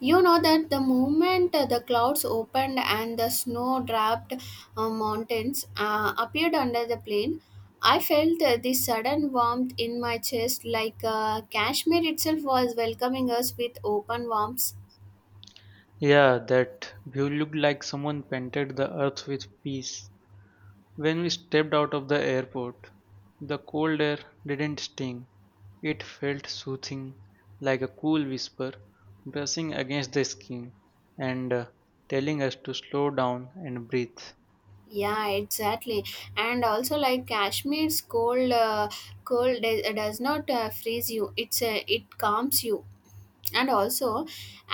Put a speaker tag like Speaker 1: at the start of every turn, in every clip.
Speaker 1: You know that the moment the clouds opened and the snow draped mountains appeared under the plain, I felt this sudden warmth in my chest like Kashmir itself was welcoming us with open arms.
Speaker 2: Yeah, that view looked like someone painted the earth with peace. When we stepped out of the airport, the cold air didn't sting. It felt soothing, like a cool whisper brushing against the skin and telling us to slow down and breathe.
Speaker 1: Yeah, exactly. And also, like Kashmir's cold does not freeze you. It calms you. And also,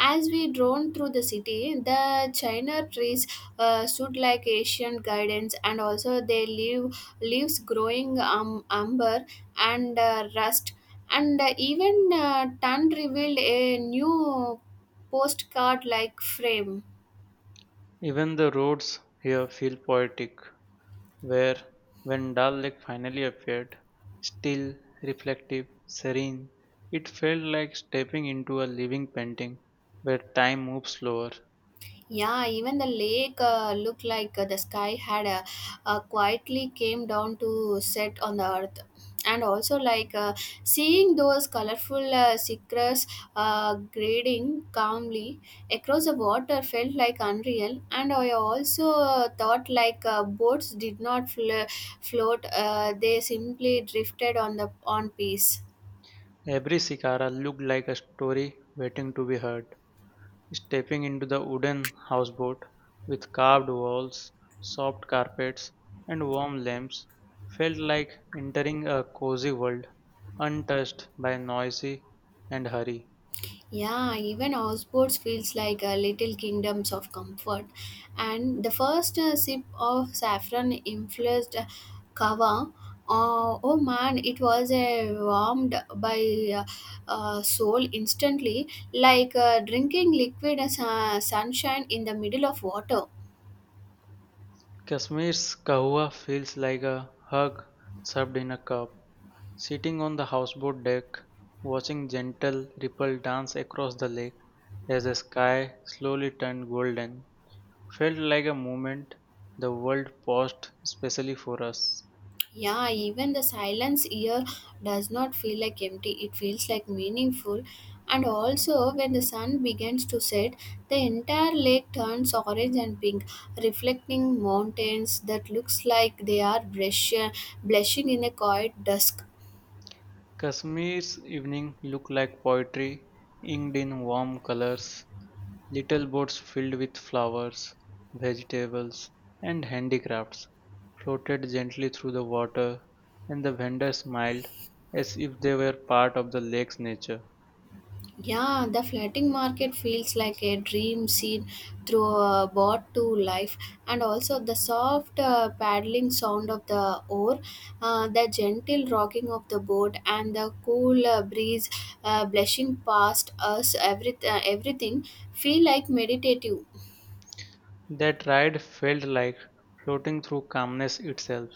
Speaker 1: as we drone through the city, the china trees stood like Asian gardens, and also they leaves growing umber, and rust, and even tan revealed a new postcard like frame.
Speaker 2: Even the roads here feel poetic. Where, when Dal Lake finally appeared, still, reflective, serene, it felt like stepping into a living painting where time moves slower.
Speaker 1: Yeah, even the lake looked like the sky had quietly came down to set on the earth. And also, like seeing those colorful cichlids grading calmly across the water felt like unreal. And I also thought like boats did not float; they simply drifted on peace.
Speaker 2: Every cicada looked like a story waiting to be heard. Stepping into the wooden houseboat with carved walls, soft carpets, and warm lamps felt like entering a cozy world untouched by noisy and hurry.
Speaker 1: Yeah, even Osborne's feels like a little kingdoms of comfort. And the first sip of saffron infused kava, oh man, it was warmed by soul instantly, like drinking liquid as, sunshine in the middle of water.
Speaker 2: Kashmir's kahwa feels like a hug served in a cup. Sitting on the houseboat deck, watching gentle ripple dance across the lake as the sky slowly turned golden, felt like a moment the world paused specially for us.
Speaker 1: Yeah, even the silence here does not feel like empty, it feels like meaningful. And also, when the sun begins to set, the entire lake turns orange and pink, reflecting mountains that looks like they are blushing in a quiet dusk.
Speaker 2: Kashmir's evening looked like poetry inked in warm colors. Little boats filled with flowers, vegetables, and handicrafts floated gently through the water, and the vendors smiled as if they were part of the lake's nature.
Speaker 1: Yeah, the floating market feels like a dream seen through a boat to life, and also the soft paddling sound of the oar, the gentle rocking of the boat, and the cool breeze blushing past us. Everything feel like meditative.
Speaker 2: That ride felt like floating through calmness itself.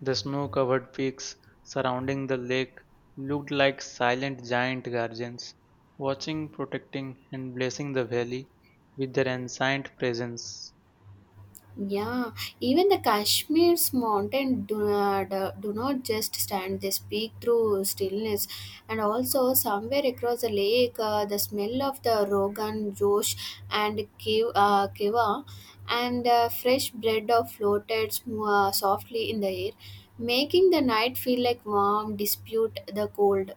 Speaker 2: The snow covered peaks surrounding the lake looked like silent giant guardians, watching, protecting, and blessing the valley with their ancient presence.
Speaker 1: Yeah, even the Kashmir's mountain do not just stand, they speak through stillness. And also, somewhere across the lake, the smell of the Rogan Josh and Kiva and fresh bread of floated softly in the air, making the night feel like warm, dispute the cold.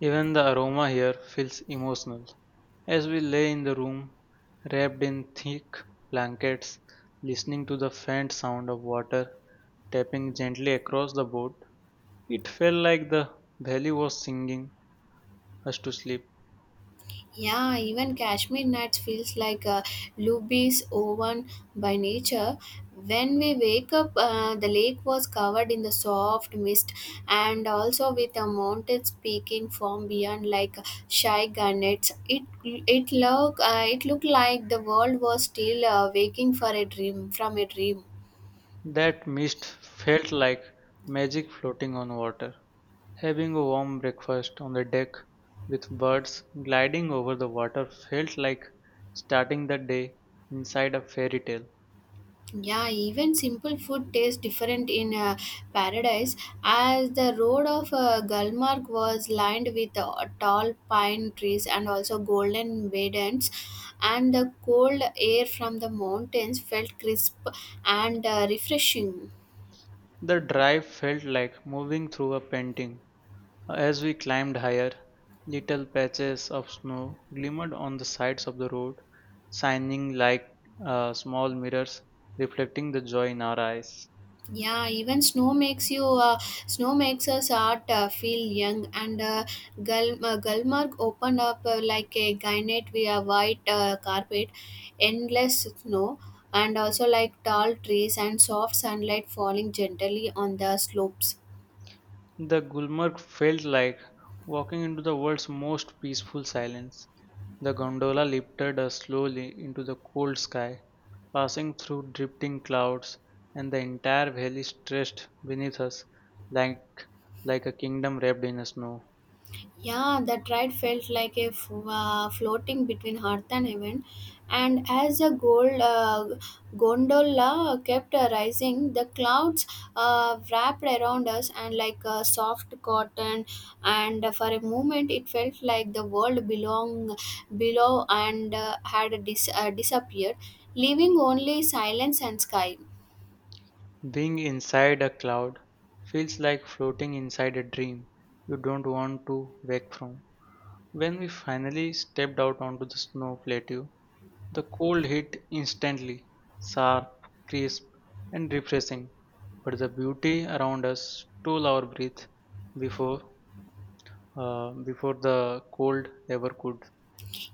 Speaker 2: Even the aroma here feels emotional. As we lay in the room, wrapped in thick blankets, listening to the faint sound of water tapping gently across the boat, it felt like the valley was singing us to sleep.
Speaker 1: Yeah, even Kashmir nights feels like a Luby's oven by nature. When we wake up, the lake was covered in the soft mist, and also with a mountains peeking from beyond like shy garnets. It looked like the world was still waking for a dream from a dream.
Speaker 2: That mist felt like magic floating on water. Having a warm breakfast on the deck with birds gliding over the water felt like starting the day inside a fairy tale.
Speaker 1: Yeah, even simple food tastes different in paradise, as the road of Gulmarg was lined with tall pine trees and also golden maidens, and the cold air from the mountains felt crisp and refreshing.
Speaker 2: The drive felt like moving through a painting. As we climbed higher, little patches of snow glimmered on the sides of the road, shining like small mirrors, reflecting the joy in our eyes.
Speaker 1: Yeah, even snow makes us art feel young. Gulmarg opened up like a gynate via white carpet, endless snow, and also like tall trees and soft sunlight falling gently on the slopes.
Speaker 2: The Gulmarg felt like walking into the world's most peaceful silence. The gondola lifted us slowly into the cold sky, passing through drifting clouds, and the entire valley stretched beneath us like, like a kingdom wrapped in snow.
Speaker 1: Yeah, that ride felt like floating between earth and heaven, and as the gold gondola kept rising, the clouds wrapped around us and like a soft cotton, and for a moment it felt like the world belonged below and had disappeared, leaving only silence and sky.
Speaker 2: Being inside a cloud feels like floating inside a dream you don't want to wake from. When we finally stepped out onto the snow plateau, the cold hit instantly, sharp, crisp, and refreshing. But the beauty around us stole our breath before before the cold ever could.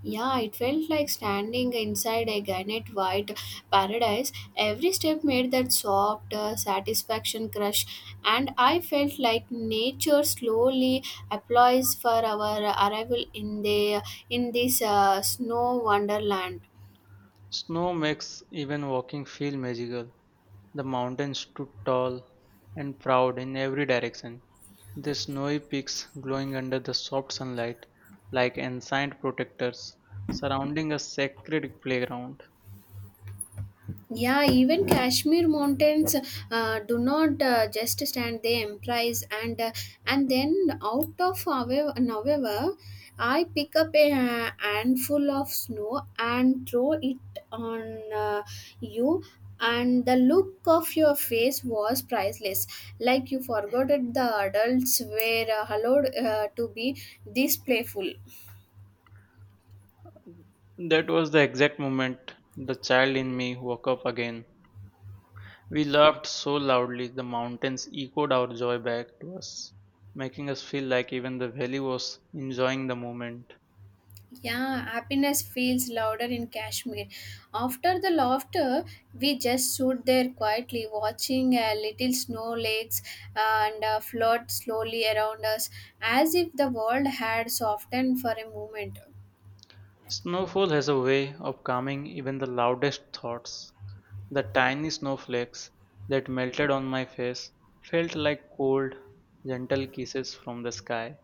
Speaker 1: Yeah, it felt like standing inside a granite white paradise. Every step made that soft satisfaction crush, and I felt like nature slowly applauds for our arrival in the in this snow wonderland.
Speaker 2: Snow makes even walking feel magical. The mountains stood tall and proud in every direction, their snowy peaks glowing under the soft sunlight like ancient protectors surrounding a sacred playground.
Speaker 1: Yeah, even Kashmir mountains do not just stand; they emprise and and then out of however, I pick up a handful of snow and throw it on you, and the look of your face was priceless, like you forgot it. The adults were allowed to be this playful.
Speaker 2: That was the exact moment the child in me woke up again. We laughed so loudly the mountains echoed our joy back to us, making us feel like even the valley was enjoying the moment.
Speaker 1: Yeah, happiness feels louder in Kashmir. After the laughter, we just stood there quietly, watching little snow lakes and float slowly around us, as if the world had softened for a moment.
Speaker 2: Snowfall has a way of calming even the loudest thoughts. The tiny snowflakes that melted on my face felt like cold, gentle kisses from the sky,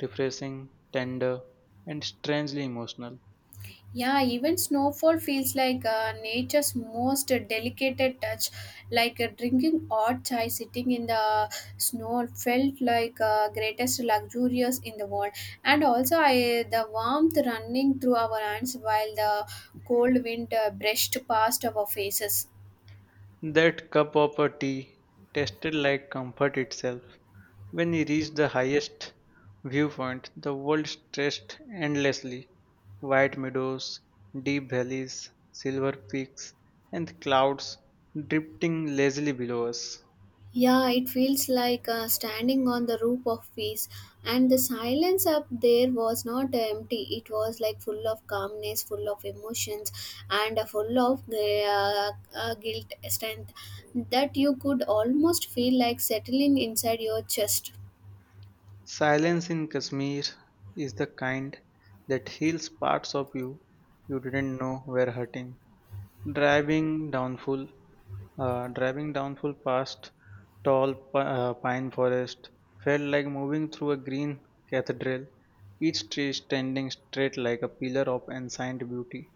Speaker 2: refreshing, tender, and strangely emotional.
Speaker 1: Yeah, even snowfall feels like nature's most delicate touch. Like drinking hot chai sitting in the snow felt like greatest luxurious in the world. And also, I the warmth running through our hands while the cold wind brushed past our faces.
Speaker 2: That cup of a tea tasted like comfort itself. When we reached the highest viewpoint, the world stretched endlessly, white meadows, deep valleys, silver peaks, and clouds drifting lazily below us.
Speaker 1: Yeah, it feels like standing on the roof of peace. And the silence up there was not empty. It was like full of calmness, full of emotions, and full of guilt strength that you could almost feel like settling inside your chest.
Speaker 2: Silence in Kashmir is the kind that heals parts of you you didn't know were hurting. Driving downful, Driving downful past tall pine forest felt like moving through a green cathedral, each tree standing straight like a pillar of ancient beauty.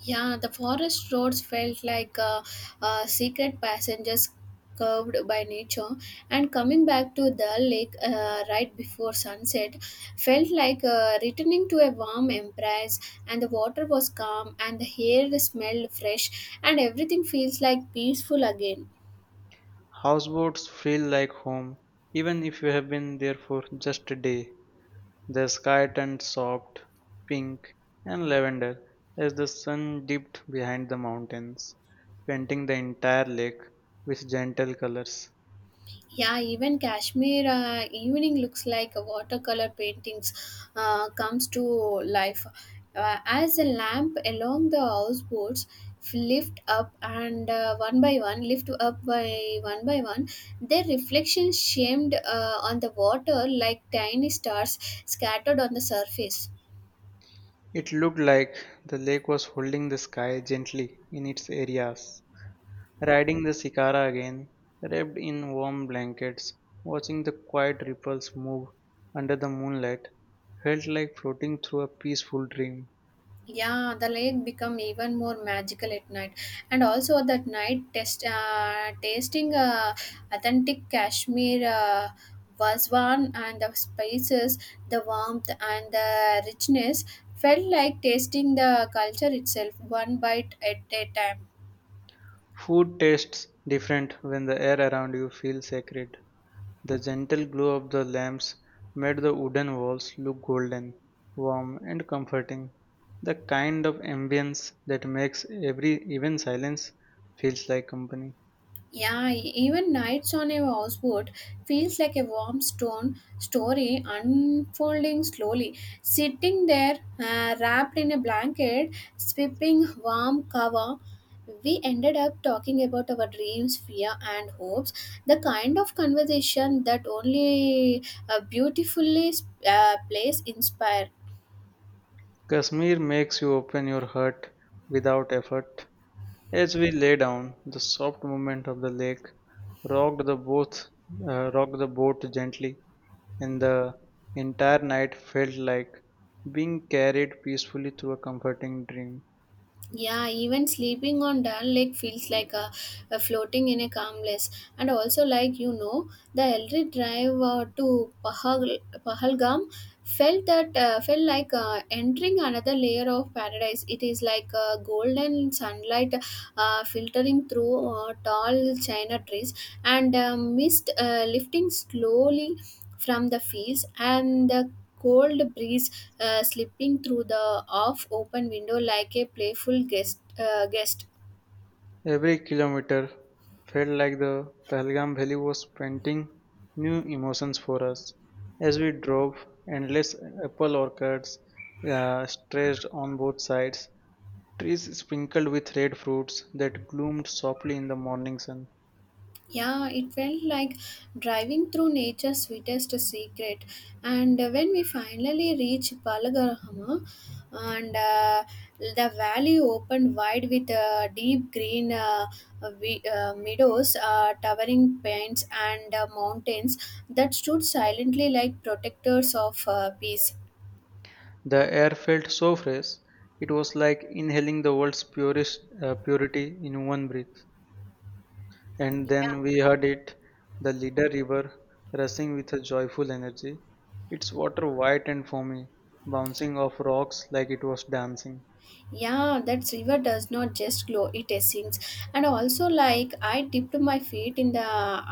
Speaker 1: Yeah, the forest roads felt like secret passages curved by nature, and coming back to the lake right before sunset felt like returning to a warm embrace. And the water was calm, and the air smelled fresh, and everything feels like peaceful again.
Speaker 2: Houseboats feel like home, even if you have been there for just a day. The sky turned soft pink and lavender as the sun dipped behind the mountains, painting the entire lake with gentle colors.
Speaker 1: Yeah, even Kashmir evening looks like a watercolor paintings comes to life. As a lamp along the houseboats lift up and one by one lift up by one, their reflections shamed on the water like tiny stars scattered on the surface.
Speaker 2: It looked like the lake was holding the sky gently in its areas, riding the Sikara again, wrapped in warm blankets, watching the quiet ripples move under the moonlight, felt like floating through a peaceful dream.
Speaker 1: Yeah, the lake become even more magical at night, and also that night test tasting authentic Kashmir waswan and the spices, the warmth and the richness felt like tasting the culture itself one bite at a time.
Speaker 2: Food tastes different when the air around you feels sacred. The gentle glow of the lamps made the wooden walls look golden, warm, and comforting, the kind of ambience that makes every even silence feels like company.
Speaker 1: Yeah, even nights on a houseboat feels like a warm stone story unfolding slowly. Sitting there, wrapped in a blanket, sweeping warm cover, we ended up talking about our dreams, fear, and hopes. The kind of conversation that only a beautifully place inspire.
Speaker 2: Kashmir makes you open your heart without effort. As we lay down, the soft movement of the lake rocked the boat, rocked the boat gently, and the entire night felt like being carried peacefully through a comforting dream.
Speaker 1: Yeah, even sleeping on Dal Lake feels like a floating in a calmness. And also, like you know, the Elri drive to Pahalgam felt like entering another layer of paradise. It is like golden sunlight filtering through tall china trees and mist lifting slowly from the fields, and the cold breeze slipping through the off open window like a playful guest.
Speaker 2: Every kilometer felt like the Pahalgam Valley was painting new emotions for us as we drove endless apple orchards stretched on both sides, trees sprinkled with red fruits that gloomed softly in the morning sun.
Speaker 1: Yeah, it felt like driving through nature's sweetest secret. And when we finally reached Palagarhama, and the valley opened wide with deep green meadows, towering pines, and mountains that stood silently like protectors of peace.
Speaker 2: The air felt so fresh, it was like inhaling the world's purest purity in one breath. And
Speaker 1: Yeah.
Speaker 2: then we heard it, the leader river, rushing with a joyful energy, its water white and foamy, bouncing off rocks like it was dancing.
Speaker 1: Yeah, that river does not just glow, it sinks. And also, like I dipped my feet in the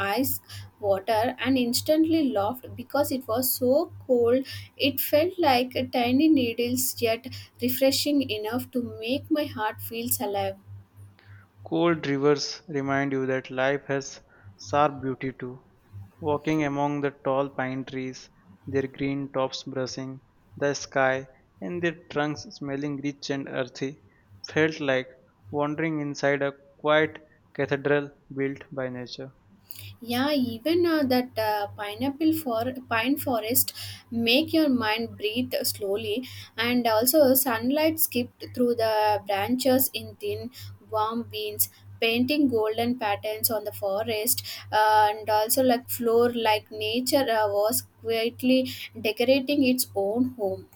Speaker 1: ice water and instantly laughed because it was so cold. It felt like a tiny needles yet refreshing enough to make my heart feels alive.
Speaker 2: Cold rivers remind you that life has sharp beauty too. Walking among the tall pine trees, their green tops brushing the sky and their trunks smelling rich and earthy, felt like wandering inside a quiet cathedral built by nature.
Speaker 1: Yeah, even that pine forest make your mind breathe slowly, and also sunlight skipped through the branches in thin, warm beams, painting golden patterns on the forest, and also like floor, like nature was quietly decorating its own home.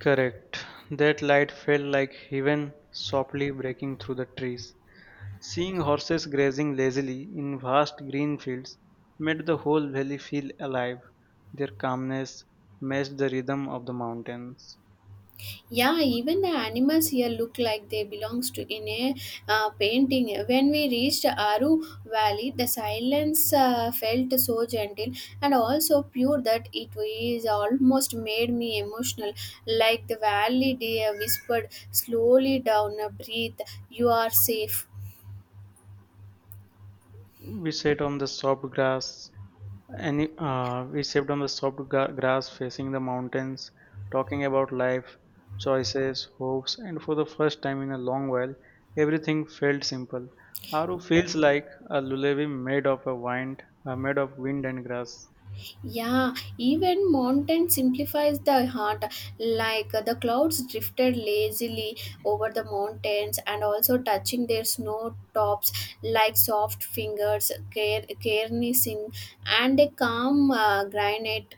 Speaker 2: Correct. That light felt like heaven softly breaking through the trees. Seeing horses grazing lazily in vast green fields made the whole valley feel alive. Their calmness matched the rhythm of the mountains.
Speaker 1: Yeah, even the animals here look like they belongs to in a painting. When we reached Aru Valley, the silence felt so gentle and also pure that it was almost made me emotional, like the valley dear whispered slowly down, breathe, you are safe.
Speaker 2: We sat on the soft grass, And we sat on the soft gra- grass facing the mountains, talking about life, choices, hopes, and for the first time in a long while, everything felt simple. Aru feels like a lullaby made of wind and grass.
Speaker 1: Yeah, even mountain simplifies the heart. Like the clouds drifted lazily over the mountains and also touching their snow tops like soft fingers, carenessing, and a calm granite.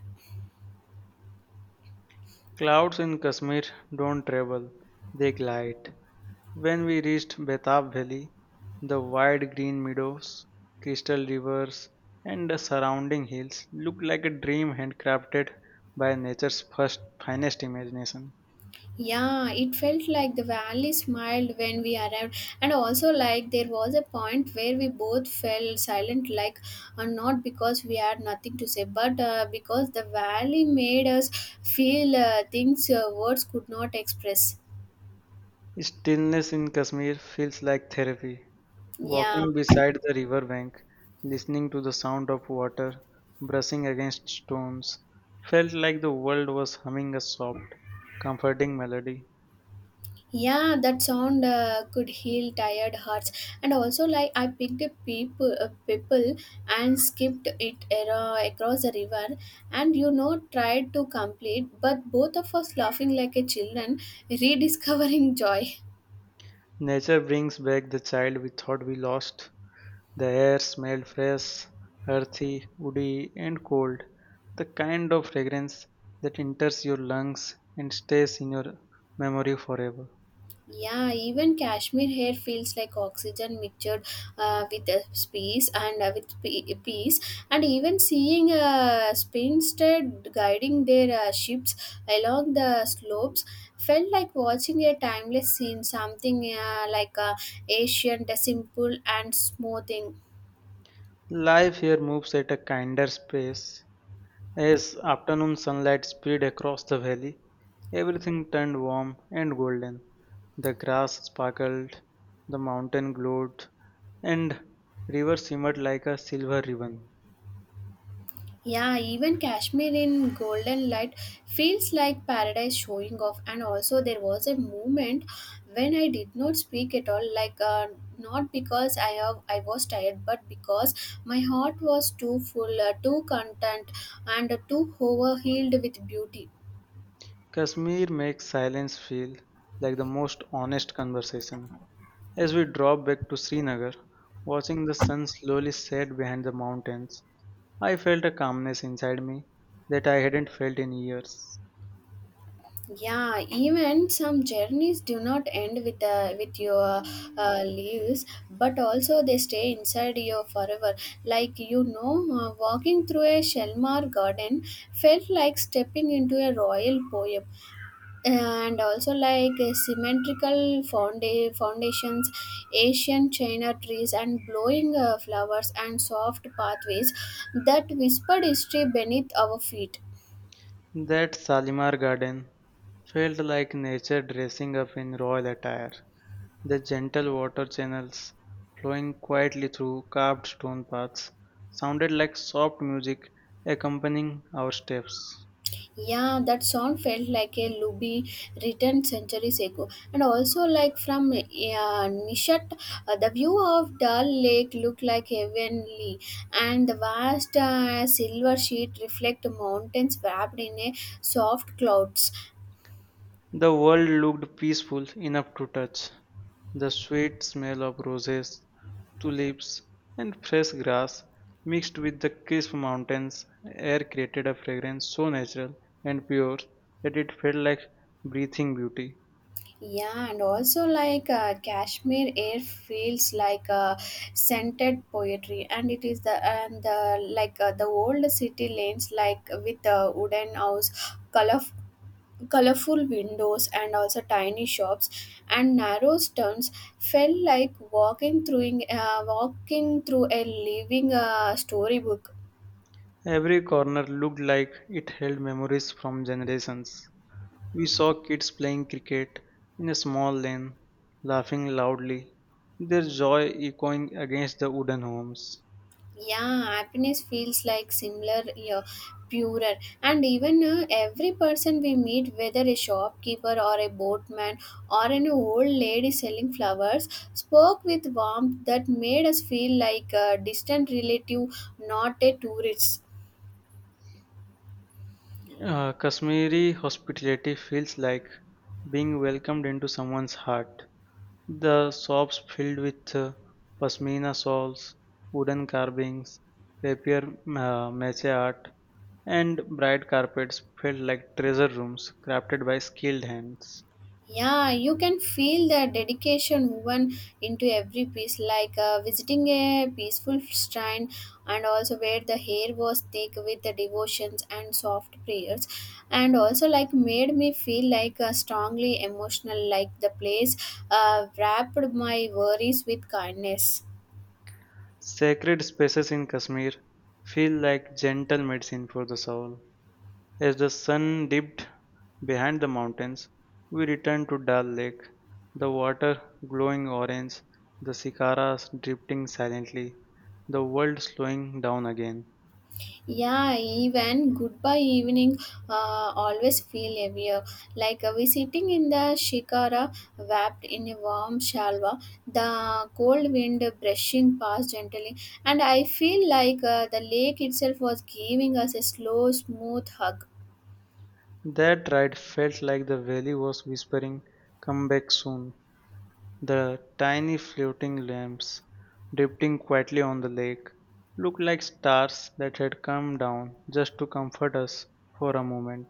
Speaker 2: Clouds in Kashmir don't travel; they glide. When we reached Betab Valley, the wide green meadows, crystal rivers, and the surrounding hills looked like a dream handcrafted by nature's first finest imagination.
Speaker 1: Yeah, it felt like the valley smiled when we arrived, and also like there was a point where we both fell silent, like not because we had nothing to say, but because the valley made us feel things words could not express.
Speaker 2: Stillness in Kashmir feels like therapy.
Speaker 1: Yeah.
Speaker 2: Walking beside the riverbank, listening to the sound of water brushing against stones, felt like the world was humming a soft, comforting melody.
Speaker 1: Yeah, that sound could heal tired hearts. And also, like I picked a people and skipped it across the river, and tried to complete, but both of us laughing like a children rediscovering joy.
Speaker 2: Nature brings back the child we thought we lost. The air smelled fresh, earthy, woody, and cold, the kind of fragrance that enters your lungs and stays in your memory forever.
Speaker 1: Yeah, even cashmere hair feels like oxygen mixtured with a space and with peace. And even seeing a spinstead guiding their ships along the slopes felt like watching a timeless scene, something like ancient, simple, and smoothing.
Speaker 2: Life here moves at a kinder pace. As afternoon sunlight spread across the valley, everything turned warm and golden. The grass sparkled, the mountain glowed, and river shimmered like a silver ribbon.
Speaker 1: Yeah, even Kashmir in golden light feels like paradise showing off. And also, there was a moment when I did not speak at all, like not because I was tired, but because my heart was too full, too content, and too overhealed with beauty.
Speaker 2: Kashmir makes silence feel like the most honest conversation. As we drove back to Srinagar, watching the sun slowly set behind the mountains, I felt a calmness inside me that I hadn't felt in years.
Speaker 1: Yeah, even some journeys do not end with your leaves, but also they stay inside you forever. Like, walking through a Shelmar garden felt like stepping into a royal poem, and also like a symmetrical foundations, Asian china trees and blowing flowers, and soft pathways that whispered history beneath our feet.
Speaker 2: That Salimar garden felt like nature dressing up in royal attire, the gentle water channels flowing quietly through carved stone paths sounded like soft music accompanying our steps.
Speaker 1: Yeah, that song felt like a lullaby written centuries ago. And also, like from Nishat, the view of Dal Lake looked like heavenly, and the vast silver sheet reflect mountains wrapped in a soft clouds.
Speaker 2: The world looked peaceful enough to touch. The sweet smell of roses, tulips, and fresh grass mixed with the crisp mountains air created a fragrance so natural and pure that it felt like breathing beauty.
Speaker 1: Yeah, and also like Kashmir air feels like scented poetry, and it is the and the like the old city lanes, like with wooden house, colorful windows, and also tiny shops and narrow turns felt like walking through a living storybook.
Speaker 2: Every corner looked like it held memories from generations. We saw kids playing cricket in a small lane, laughing loudly, their joy echoing against the wooden homes.
Speaker 1: Yeah, happiness feels like similar, yeah, purer. And even every person we meet, whether a shopkeeper or a boatman or an old lady selling flowers, spoke with warmth that made us feel like a distant relative, not a tourist.
Speaker 2: Kashmiri hospitality feels like being welcomed into someone's heart. The shops filled with pashmina shawls, wooden carvings, rapier mache art, and bright carpets felt like treasure rooms crafted by skilled hands.
Speaker 1: Yeah, you can feel the dedication woven into every piece, like visiting a peaceful shrine, and also where the hair was thick with the devotions and soft prayers, and also like made me feel like strongly emotional, like the place wrapped my worries with kindness.
Speaker 2: Sacred spaces in Kashmir feel like gentle medicine for the soul. As the sun dipped behind the mountains, we returned to Dal Lake, the water glowing orange, the cicadas drifting silently, the world slowing down again.
Speaker 1: Yeah, even goodbye evening always feel heavier. Like we sitting in the shikara wrapped in a warm shalwa, the cold wind brushing past gently, and I feel like the lake itself was giving us a slow, smooth hug.
Speaker 2: That ride felt like the valley was whispering, Come back soon. The tiny floating lamps drifting quietly on the lake looked like stars that had come down just to comfort us for a moment.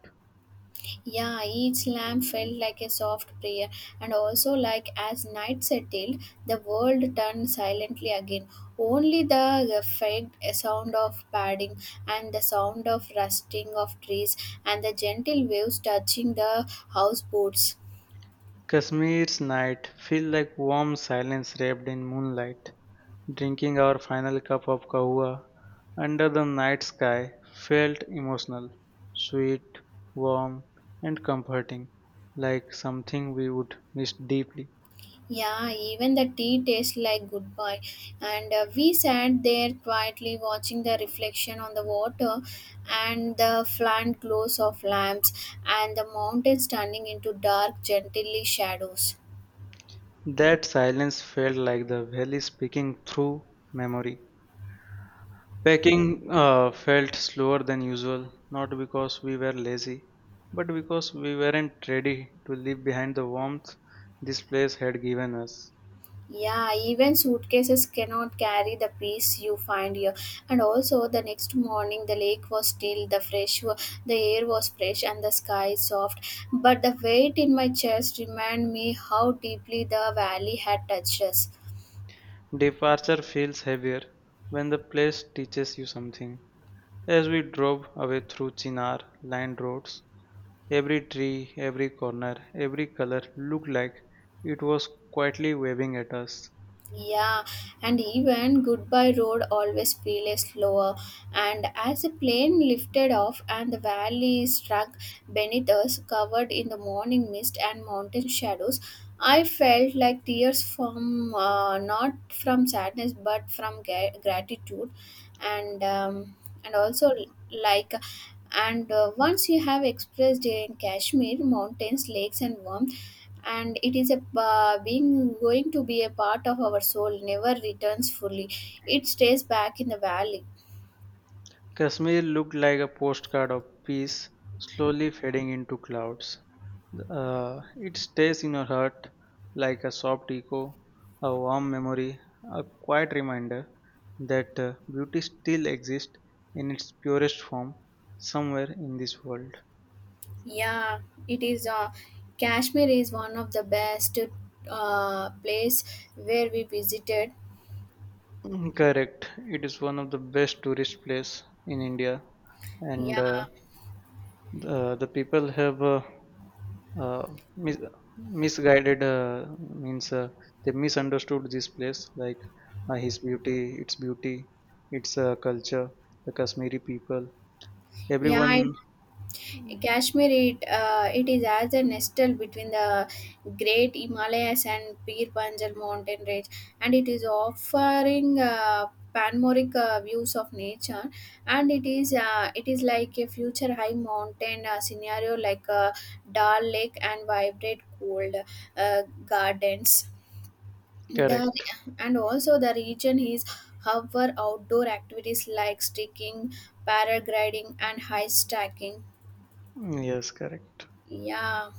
Speaker 1: Yeah, each lamp felt like a soft prayer, and also like as night settled, the world turned silently again. Only the faint sound of padding, and the sound of rusting of trees, and the gentle waves touching the houseboats.
Speaker 2: Kashmir's night feels like warm silence wrapped in moonlight. Drinking our final cup of kahwa under the night sky felt emotional, sweet, warm, and comforting, like something we would miss deeply.
Speaker 1: Yeah, even the tea tastes like goodbye. And we sat there quietly watching the reflection on the water and the flant glows of lamps and the mountains turning into dark, gently shadows.
Speaker 2: That silence felt like the valley speaking through memory. Packing felt slower than usual, not because we were lazy, but because we weren't ready to leave behind the warmth this place had given us.
Speaker 1: Yeah, even suitcases cannot carry the peace you find here. And also, the next morning, the lake was still, the air was fresh, and the sky soft. But the weight in my chest reminded me how deeply the valley had touched us.
Speaker 2: Departure feels heavier when the place teaches you something. As we drove away through Chinar lined roads, every tree, every corner, every color looked like it was quietly waving at us.
Speaker 1: Yeah, and even Goodbye Road always feels slower. And as the plane lifted off and the valley struck beneath us, covered in the morning mist and mountain shadows, I felt like tears from, not from sadness but from gratitude, and um, and also like and once you have expressed in Kashmir mountains, lakes, and warmth, and it is a being going to be a part of our soul, never returns fully, it stays back in the valley.
Speaker 2: Kashmir looked like a postcard of peace slowly fading into clouds. It stays in your heart like a soft echo, a warm memory, a quiet reminder that beauty still exists in its purest form somewhere in this world.
Speaker 1: Yeah, it is Kashmir is one of the best place where we visited.
Speaker 2: Mm, correct. It is one of the best tourist place in India, and uh,
Speaker 1: Yeah.
Speaker 2: the, the people have. Uh, mis- Misguided, means they misunderstood this place, like his beauty its beauty, its culture, the Kashmiri people,
Speaker 1: Yeah,
Speaker 2: everyone.
Speaker 1: Kashmir, it is as a nestle between the great Himalayas and Pir Panjal mountain range, and it is offering panoramic views of nature, and it is like a future high mountain scenario like a Dal Lake and vibrant cold gardens. The,
Speaker 2: Correct.
Speaker 1: and also the region is however outdoor activities like sticking, paragliding, and high stacking.
Speaker 2: Yes, correct.
Speaker 1: Yeah.